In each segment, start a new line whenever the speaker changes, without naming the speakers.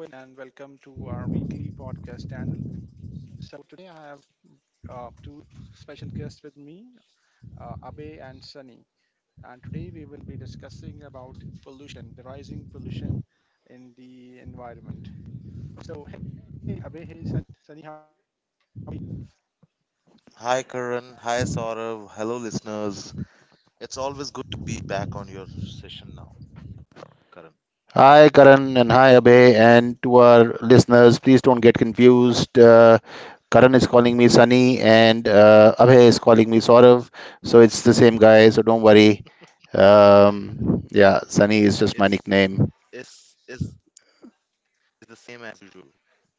Hello and welcome to our weekly podcast channel. So today I have two special guests with me, Abe and Sunny. And today we will be discussing about pollution, the rising pollution in the environment. So hey Abe, hey Sunny, how are you?
Hi Karan, hi Saurav, hello listeners. It's always good to be back on your session now, Karan.
Hi, Karan, and hi, Abhay, and to our listeners, please don't get confused. Karan is calling me Sunny, and Abhay is calling me Saurav, so it's the same guy, so don't worry. Yeah, Sunny is just my
It's
nickname.
it's the same as usual.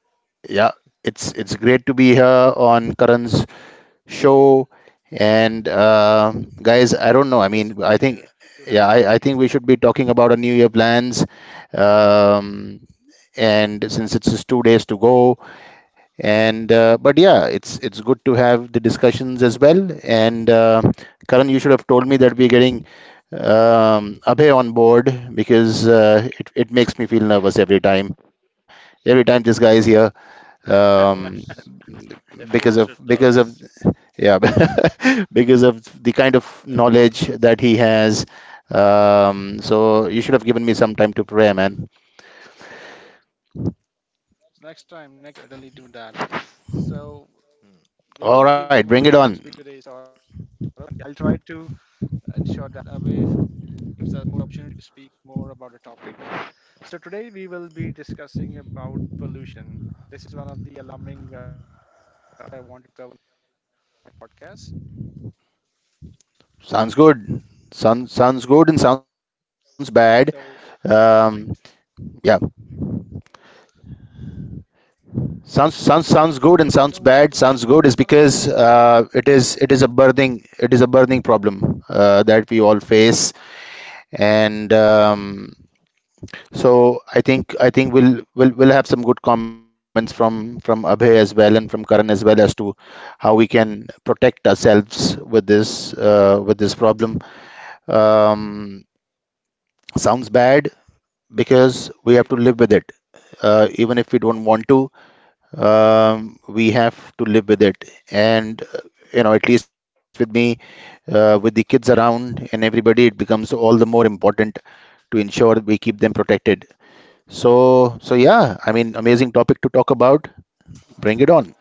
Yeah, it's great to be here on Karan's show, and guys, I
Always a
don't know. I
pleasure
mean, I
to
think,
have you
yeah, I think we should be talking about our New Year plans. Um, and since it's just 2 days to go. And But yeah, it's good to have the discussions as well. And Karan, you should have told me that we're getting Abhay on board, because it makes me feel nervous every time. Every time this guy is here,
Of
here.
um,
course, of course it
because of
does.
yeah, because of the kind of
Of
knowledge
course
that
it
he
does.
has. So you should have given me some time to pray, man.
next time, next time, certainly do that.
Hmm.
So
All
we
right,
will
bring it
give you
on.
more chance to speak today's thought, and I'll try to ensure that Abe gives us more opportunity to speak more about the topic. So today we will be discussing about pollution. This is one of the alarming uh, I want to cover in my podcast.
Sounds good. Sounds good and sounds bad.
So,
Um,
right,
yeah, sounds good and sounds
right.
bad.
So
Sounds good is
pollution is one
because
of the
it is a burning problem that we all face. And so I think we'll have some good comments from Abhay as well and from Karan as well, as to how we can protect ourselves with this problem. Um, sounds bad because we have to live with it.
right.
Even if we don't want to, we have to live with it. And, you know, at least with me, with the kids around and everybody, it becomes all the more important to ensure that we keep them protected. So, so yeah, I mean, amazing topic to talk about. Bring it on.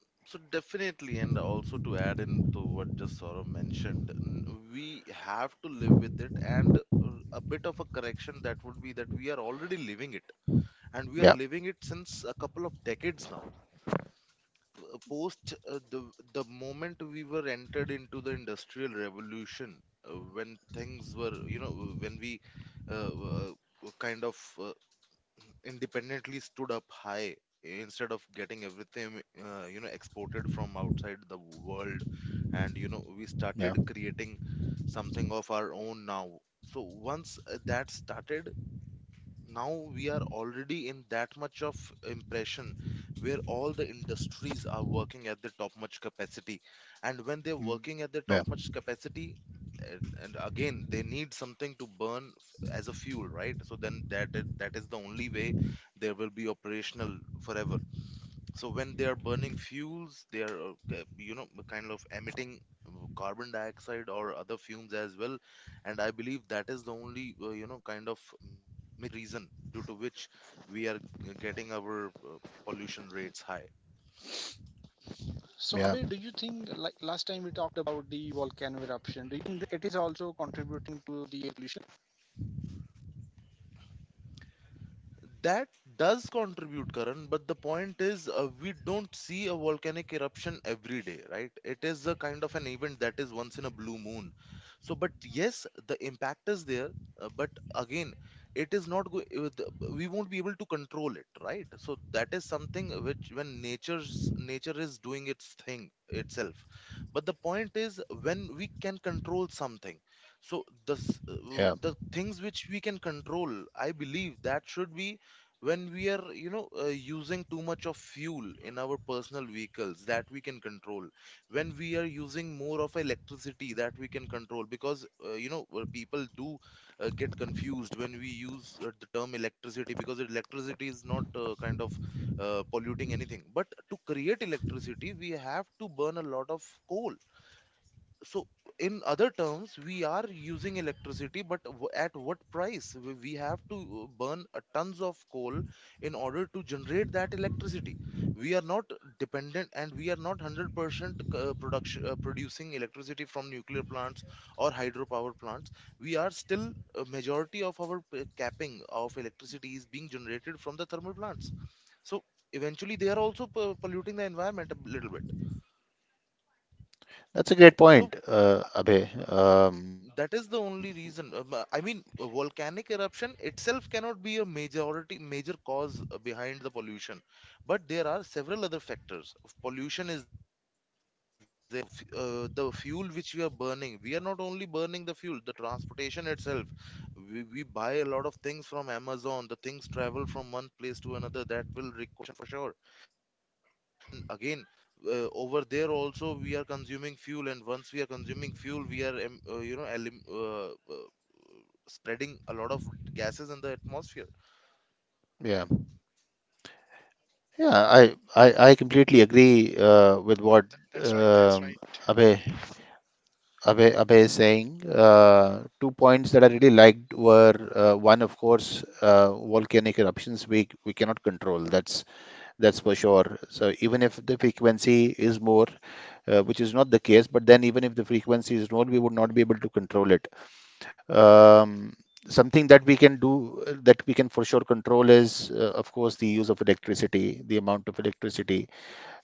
So definitely, and also to add in to what just Saurav mentioned, we have to live with it, and a bit of a correction that would be that we are already living it, and we are
Yeah,
living it since a couple of decades now, p- post the moment we were entered into the industrial revolution when things were, you know, when we uh, w- uh, were kind of uh, independently stood up high instead of getting everything, you know, exported from outside the world, and, you know, we
yeah,
started creating something of our own now. So once that started, now we are already in that much of impression where all the industries are working at the top much capacity, and when
yeah,
they're working at the top much capacity, eh, and again they need something to burn as a fuel, right? So then that is the only way there will be operational forever. So when they are burning fuels, they are, you know, kind of emitting uh, carbon dioxide or other fumes as well. And I believe that is the only, you know, kind of main reason due to which we are getting our pollution rates high.
So Abhay, do
yeah,
you think like last time we talked about the volcano eruption? Do you think that it is also contributing to the pollution?
That does contribute, Karan, but the point is, we don't see a volcanic eruption every day, right? It is a kind of an event that is once in a blue moon. So, but yes, the impact is there, but again, it is not we won't be able to control it, right? So that is something which, when nature is doing its thing itself. But the point is, when we can control something, so
yeah.
the things which we can control, I believe that should be when we are, you know, using too much of fuel in our personal vehicles, that we can control. When we are using more of electricity, that we can control, because, you know, people do get confused when we use the term electricity, because electricity is not kind of polluting anything, but to create electricity we have to burn a lot of coal. So in other terms, we are using electricity, but at what price? We have to burn a tons of coal in order to generate that electricity. We are not dependent, and we are not 100% production producing electricity from nuclear plants or hydropower plants. We are still, a majority of our capping of electricity is being generated from the thermal plants. So eventually they are also polluting the environment a little bit.
That's a great point,
So
Abhay.
uh, that is the only reason. I mean, a volcanic eruption itself cannot be a major cause behind the pollution, but there are several other factors. Pollution is there. The fuel which we are burning, we are not only burning the fuel, the transportation itself, we buy a lot of things from Amazon, the things travel from one place to another, that will require for sure. And again, over there also we are consuming fuel, and once we are consuming fuel, we are you know, uh, spreading a lot of gases in the atmosphere.
Yeah. Yeah, I completely agree with what
That's
um,
right. That's right,
Abhay,
Abhi.
Abhay is saying. Two points that I really liked were, one, of course, volcanic eruptions we cannot control. That's for sure. So even if the frequency is more, which is not the case, but then even if the frequency is more, we would not be able to control it. Um, Something that we can do, that we can for sure control, is of course the use of electricity, the amount of electricity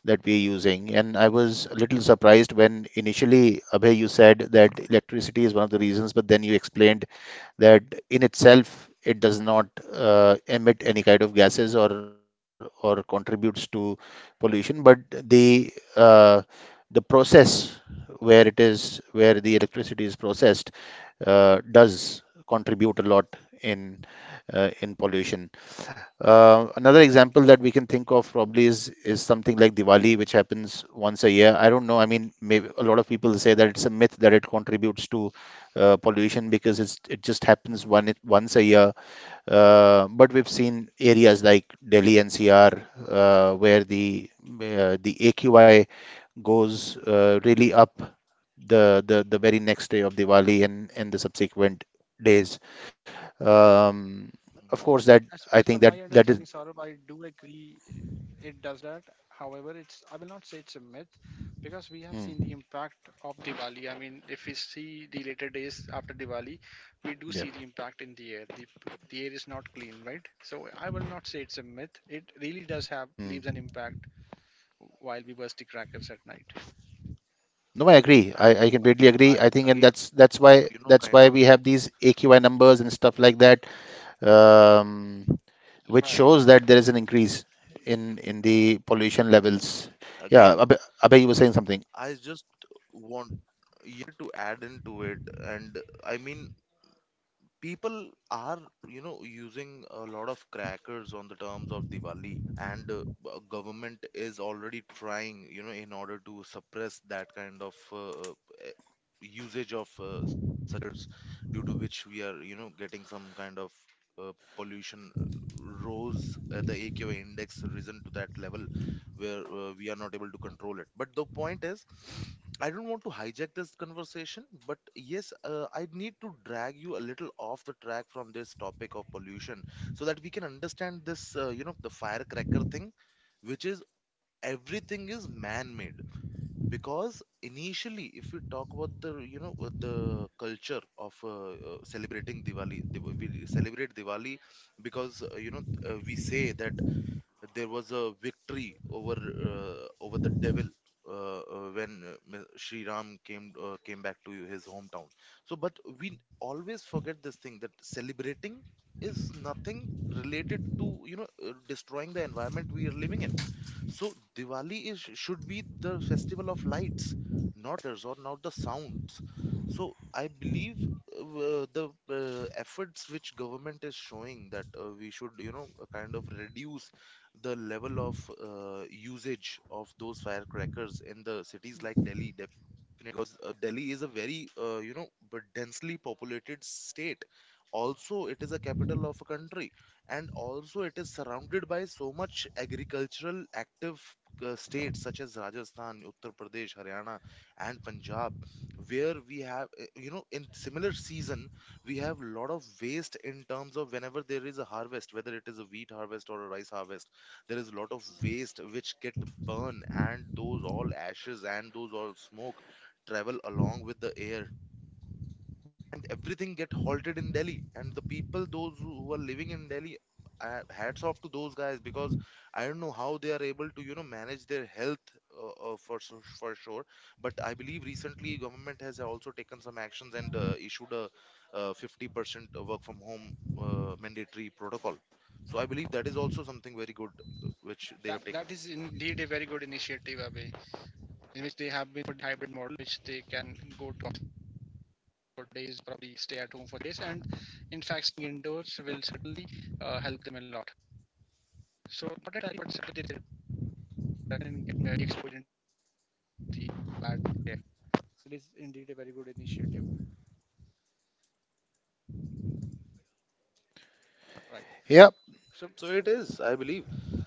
that we're using. And I was a little surprised when initially, Abhay, you said that electricity is one of the reasons, but then you explained that in itself it does not emit any kind of gases or contributes to pollution, but uh, the process where it is, where the electricity is processed, does contribute a lot in in pollution. Another example that we can think of probably is something like Diwali, which happens once a year. I don't know. I mean, maybe a lot of people say that it's a myth that it contributes to pollution because it's it just happens one once a year. But we've seen areas like Delhi NCR, where the AQI
Mhm,
goes really up the very next day of Diwali, and the subsequent days.
mhm,
Um, of course, that I
As
think
per
that
my
is.
understanding, Saurabh, I do agree it does that. However, it's I will not say it's a myth, because we have seen the
Hmm,
impact of Diwali. I mean, if we see the later days after Diwali, we do
yeah.
see the impact in the air. The air is not clean, right? So I will not say it's a myth. It really does have
Hmm.
leaves an impact while we burst the crackers at night.
No, I agree. I
and
completely agree. I
I,
think, and that's
again
that's why, that's
you know
why we have
kind of
these AQI numbers and stuff like that, um, which
mhm,
shows
Right.
that there is an increase in the pollution levels.
again
Yeah, Abhay, you were saying
i
something.
just want here to add into it. And I mean, people are, you know, using a lot of crackers on the terms of Diwali, and, government is already trying, you know, in order to suppress that kind of usage of such as, due to which we are, you know, getting some kind of pollution rose at the AQI index risen to that level where we are not able to control it. But the point is, I don't want to hijack this conversation, but yes, I need to drag you a little off the track from this topic of pollution so that we can understand this, you know, the firecracker thing, which is everything is man made because initially, if we talk about the, you know, with the culture of celebrating Diwali, we celebrate Diwali because, you know, we say that there was a victory over over the devil, when Shri Ram came back to his hometown. So, but we always forget this thing, that celebrating is nothing related to, you know, destroying the environment we are living in. So Diwali is, should be the festival of lights, not letters or not the sounds. So I believe the efforts which government is showing, that we should, you know, kind of reduce the level of usage of those firecrackers in the cities like Delhi, because Delhi is a very, you know, but densely populated state. Also, it is a capital of a country, and also it is surrounded by so much agricultural active states such as Rajasthan, Uttar Pradesh, Haryana, and Punjab, where we have, you know, in similar season, we have a lot of waste in terms of, whenever there is a harvest, whether it is a wheat harvest or a rice harvest, there is a lot of waste which get burned, and those all ashes and those all smoke travel along with the air, and everything get halted in Delhi. And the people those who are living in Delhi, hats off to those guys, because I don't know how they are able to, you know, manage their health for sure. But I believe recently government has also taken some actions and issued a 50% work from home mandatory protocol. So I believe that is also something very good, which they have
That
taken.
that is indeed very good initiative, Abhay, in which they have been for hybrid model, which they can go to office for days, probably stay at home for days, and in fact, staying indoors will certainly help them a lot. So not entirely, but certainly there is a reduction in uh, the bad air. So this is indeed a very good initiative. Right.
Yeah,
So it
So
is, I believe, I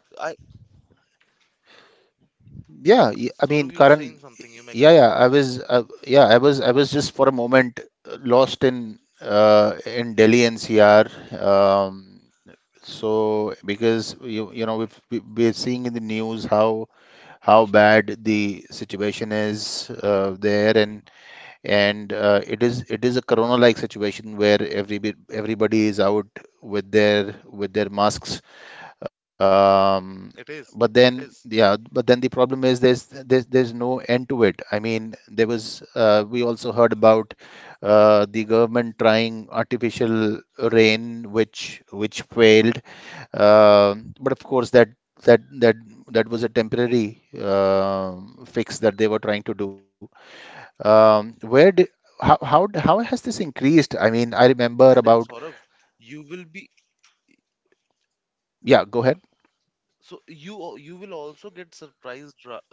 s-
Yeah,
sort
y-
you're
I mean,
saying something,
Karan,
you may continue
yeah,
please.
I was, yeah, I was just for a moment lost in Delhi NCR. So because you know, we're seeing in the news how bad the situation is there. And it is, a corona-like situation where everybody is out with their masks.
It
um,
is.
but
It
then,
is.
yeah, but then the problem is, there's there's no end to it. I mean, there was we also heard about the government trying artificial rain, which failed. But of course, that that that was a temporary fix that they were trying to do. Where did, how has this increased? I mean, I
And
remember
in Saurav,
about.
you will be,
Yeah, go ahead.
so you you will also get surprised, Saurav,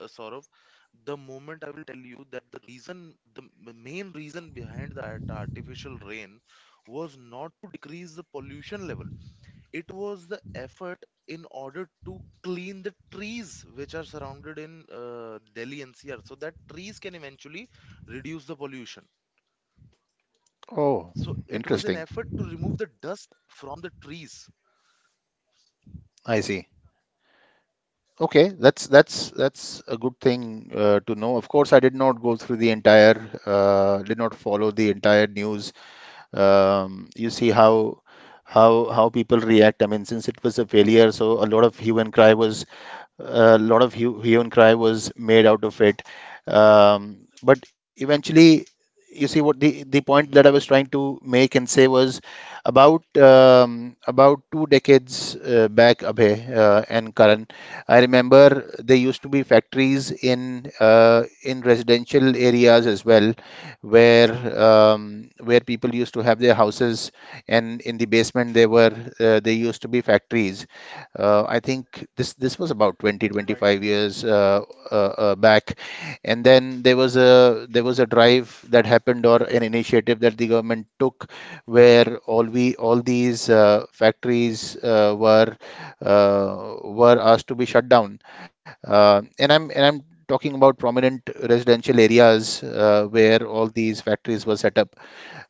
the moment I will tell you that the reason, the main reason behind that artificial rain was not to decrease the pollution level. It was the effort in order to clean the trees which are surrounded in Delhi NCR, so that trees can eventually reduce the pollution. So it was an
Oh,
effort to remove the
interesting.
dust from the trees.
I see. Okay, that's a good thing to know. Of course, I did not go through the entire, did not follow the entire news. You see how people react. I mean, since it was a failure, so a lot of hue and cry was, a lot of hue and cry was made out of it. But eventually, you see, what the point
Mm-hmm.
that I was trying to make and say was about, about 2 decades back, Abhay and Karan. I remember there used to be factories in residential areas as well, where where people used to have their houses, and in the basement there were, there used to be factories. I think this was about
right.
20 25 years back, and then there was a, drive that happened, or an initiative that the government took, where all these factories were asked to be shut down. And I'm talking about prominent residential areas where all these factories were set up,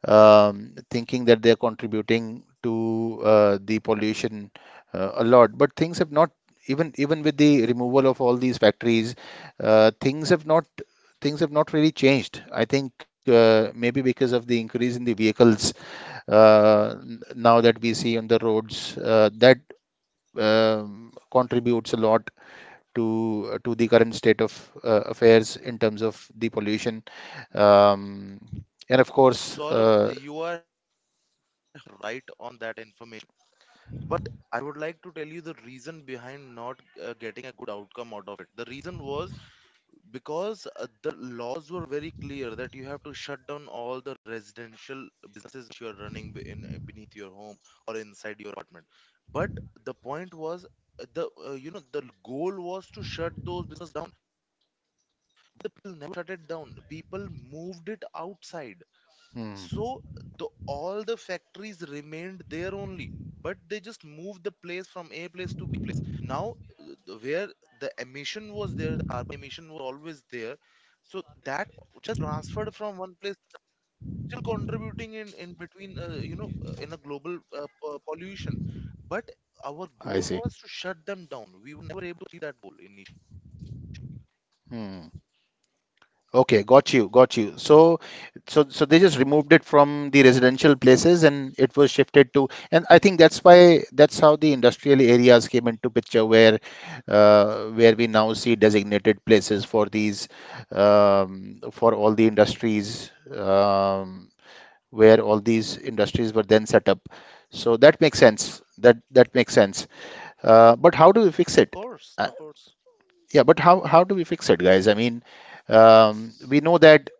thinking that they're contributing to the pollution a lot. But things have not, even with the removal of all these factories, things have not, really changed. I think maybe because of the increase in the vehicles now that we see on the roads, that contributes a lot to the current state of affairs in terms of the pollution, um, and of course,
Saurav, you are right on that information, but I would like to tell you the reason behind not getting a good outcome out of it. The reason was, because the laws were very clear that you have to shut down all the residential businesses that you are running in beneath your home or inside your apartment. But the point was, the you know, the goal was to shut those businesses down. People never shut it down. People moved it outside. So
hmm,
the, all the factories remained there only, but they just moved the place from A place to B place. Now, where the emission was there, the carbon emission was always there. So that just transferred from one place, still contributing in between, you know, in a global, pollution. But our
I
goal
see.
was to shut them down. We were never able to achieve that goal initially.
Hmm. Okay, got you, got you. So, they just removed it from the residential places, and it was shifted to, and I think that's why, that's how the industrial areas came into picture, where we now see designated places for these, for all the industries, where all these industries were then set up. So that makes sense. That makes sense. But how do we fix it?
Of course,
Uh,
of course.
yeah, but how do we fix it, guys? I mean, we know that,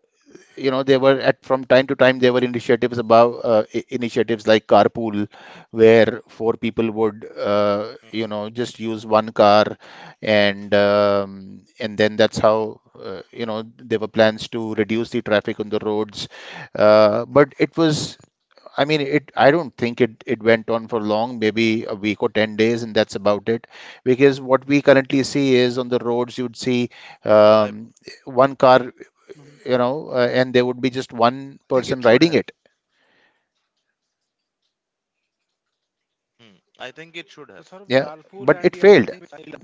you know, they were at, from time to time there were initiatives above, initiatives like carpool, where four people would,
Mhm, mhm.
you know, just use one car, and then that's how, you know, there were plans to reduce the traffic on the roads, but it was, I mean, it, I don't think it it went on for long, maybe a week or 10 days, and that's about it, because what we currently see is, on the roads you'd see,
I
um, one car,
Mhm.
you know, and there would be just
think
one
it should
person
have.
riding it.
Hmm,
So
I
sort of
think it should have.
carpool
Yeah,
and the other
but
thing
it
which
failed.
I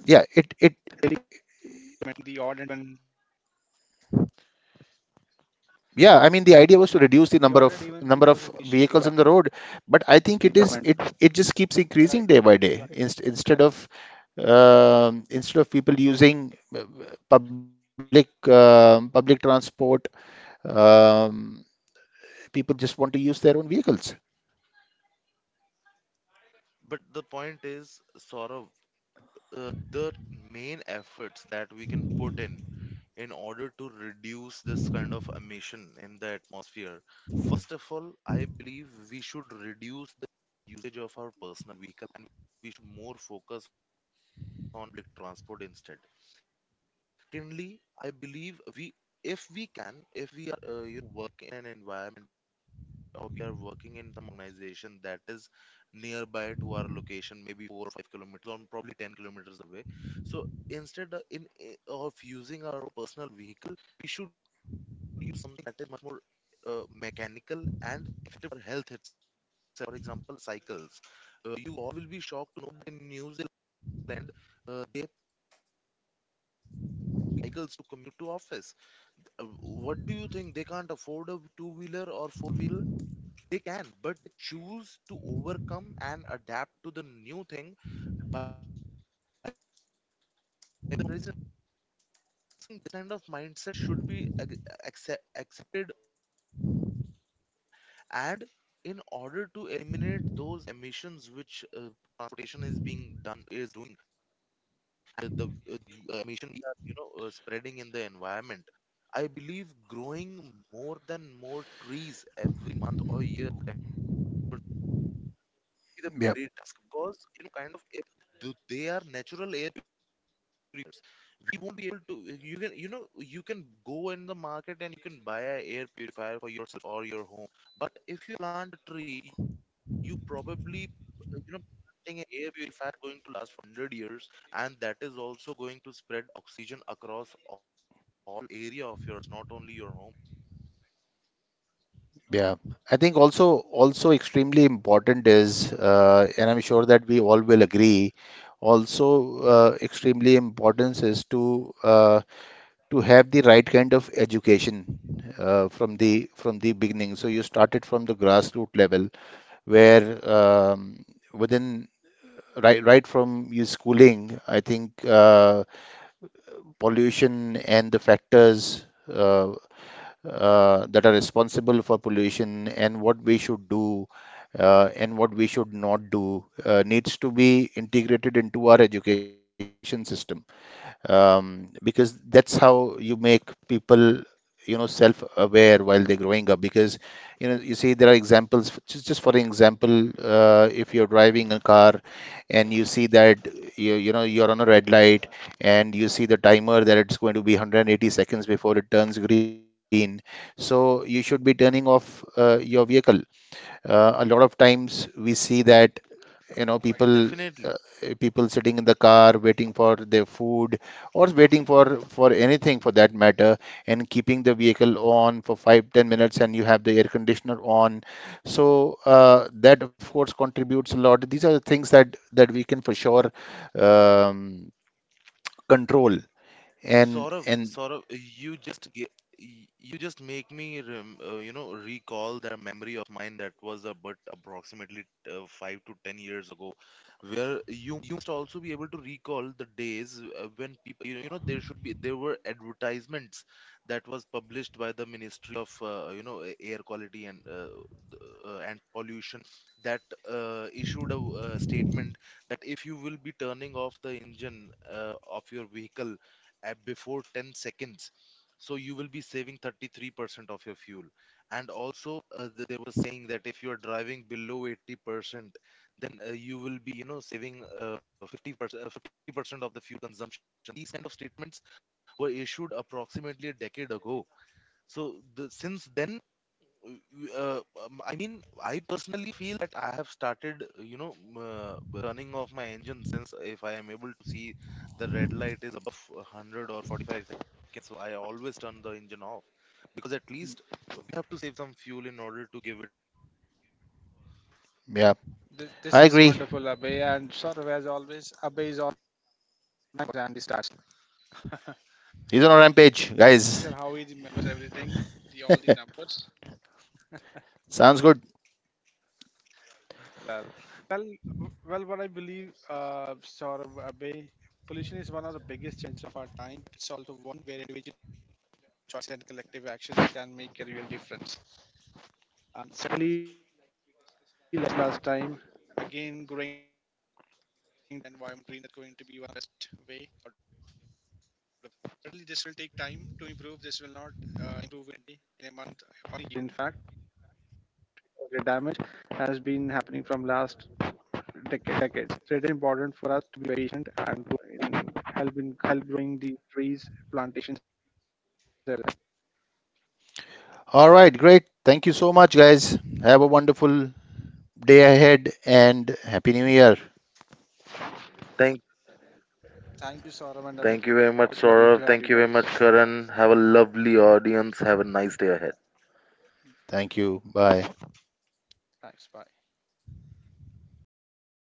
Yeah, it
really recommend, the odd and even
yeah. I mean, the idea was to reduce the number of,
the odd and even thing was a
vehicles on the
initiative
road,
by the
but I think it
government.
is, it just keeps
Right.
increasing day by day.
Right.
Instead
Correct.
of, people using public, public transport, um, people just want to use their own vehicles.
But the point is, sort of, uh, the main efforts that we can put in order to reduce this kind of emission in the atmosphere. First of all, I believe we should reduce the usage of our personal vehicle, and we should more focus on public transport instead. Secondly, I believe we, if we can, if we are, you know, working in an environment, or we are working in some organization that is nearby to our location, maybe 4 or 5 kilometers or probably 10 kilometers away. So instead of, of using our own personal vehicle, we should use something that is much more mechanical and effective for health itself. For example, cycles. You all will be shocked to know that in New Zealand, they have cycles to commute to office. What do you think? They can't afford a two wheeler or four wheeler? They can, but they choose to overcome and adapt to the new thing by resisting. This kind of mindset should be accept, accepted, and in order to eliminate those emissions which transportation is being done, is doing, and the emission we are, you know, spreading in the environment, I believe growing more than more trees every month or year, whatever, be the
Yeah.
greatest, because, you know, kind of air, they are natural air purifiers. We won't be able to, you can, you know, you can go in the market and you can buy an air purifier for yourself or your home. But if you plant a tree, you probably, you know, planting an air purifier going to last for 100 years, and that is also going to spread oxygen across all area of yours, not only your home.
Yeah, I think also extremely important is, and I'm sure that we all will agree, also extremely important, is to have the right kind of education from the beginning. So you started from the grassroots level, where um, within right from your schooling, I think pollution and the factors that are responsible for pollution, and what we should do and what we should not do, needs to be integrated into our education system, because that's how you make people, you know, self-aware while they're growing up. Because, you know, you see there are examples, just for example, if you're driving a car and you see that you know, you're on a red light, and you see the timer that it's going to be 180 seconds before it turns green, so you should be turning off your vehicle. A lot of times we see that, you know,
Right.
people,
Definitely.
uh, people sitting in the car waiting for their food or waiting for anything, for that matter, and keeping the vehicle on for 5-10 minutes, and you have the air conditioner on, so that of course contributes a lot. These are the things that we can for sure, um, control.
Saurav, Saurav,
And
you just ge- y- you just make me you know, recall that memory of mine that was about approximately 5 to 10 years ago, where you, you must also be able to recall the days when people, you know, there should be there were advertisements that was published by the Ministry of, you know, air quality and, and pollution, that issued a statement that if you will be turning off the engine of your vehicle at before 10 seconds, so you will be saving 33% of your fuel. And also, they were saying that if you are driving below 80%, then you will be, you know, saving uh, 50%, uh, 50% of the fuel consumption. These kind of statements were issued approximately a decade ago. So since then, I mean, I personally feel that I have started, you know, running off my engine, since if I am able to see the red light is above 100 or 45 seconds, so I always turn the engine off, because at least we have to save some fuel in order to give it.
Yeah,
This is
I
wonderful,
agree.
Abhay. And sort of as always, Abhay is online for the Andy.
He's on a rampage, guys.
Sure, how he remembers everything, the all the numbers.
Sounds good.
Well, well, well. What I believe, sort of Abhay, pollution is one of the biggest challenges of our time. It's also one where individual choice and collective actions can make a real difference. And certainly, like last time, again, growing the environment green is going to be one best way. Certainly, this will take time to improve. This will not improve in a month. In fact, the damage has been happening from last decade. It's so important for us to be patient and help in help growing the trees, plantations. And
All right, great, thank you so much, guys. Have a wonderful day ahead, and Happy New Year.
Thank,
thank you, Saurabh and Abhinav, for being on a
thank you
podcast.
very
Lovely
much,
to have you
Saurav. Thank
guys.
you very much,
Thanks.
Karan. Have a lovely
Thanks. Bye.
audience. Have a nice day ahead.
Thank you. Bye.
Thanks. Bye.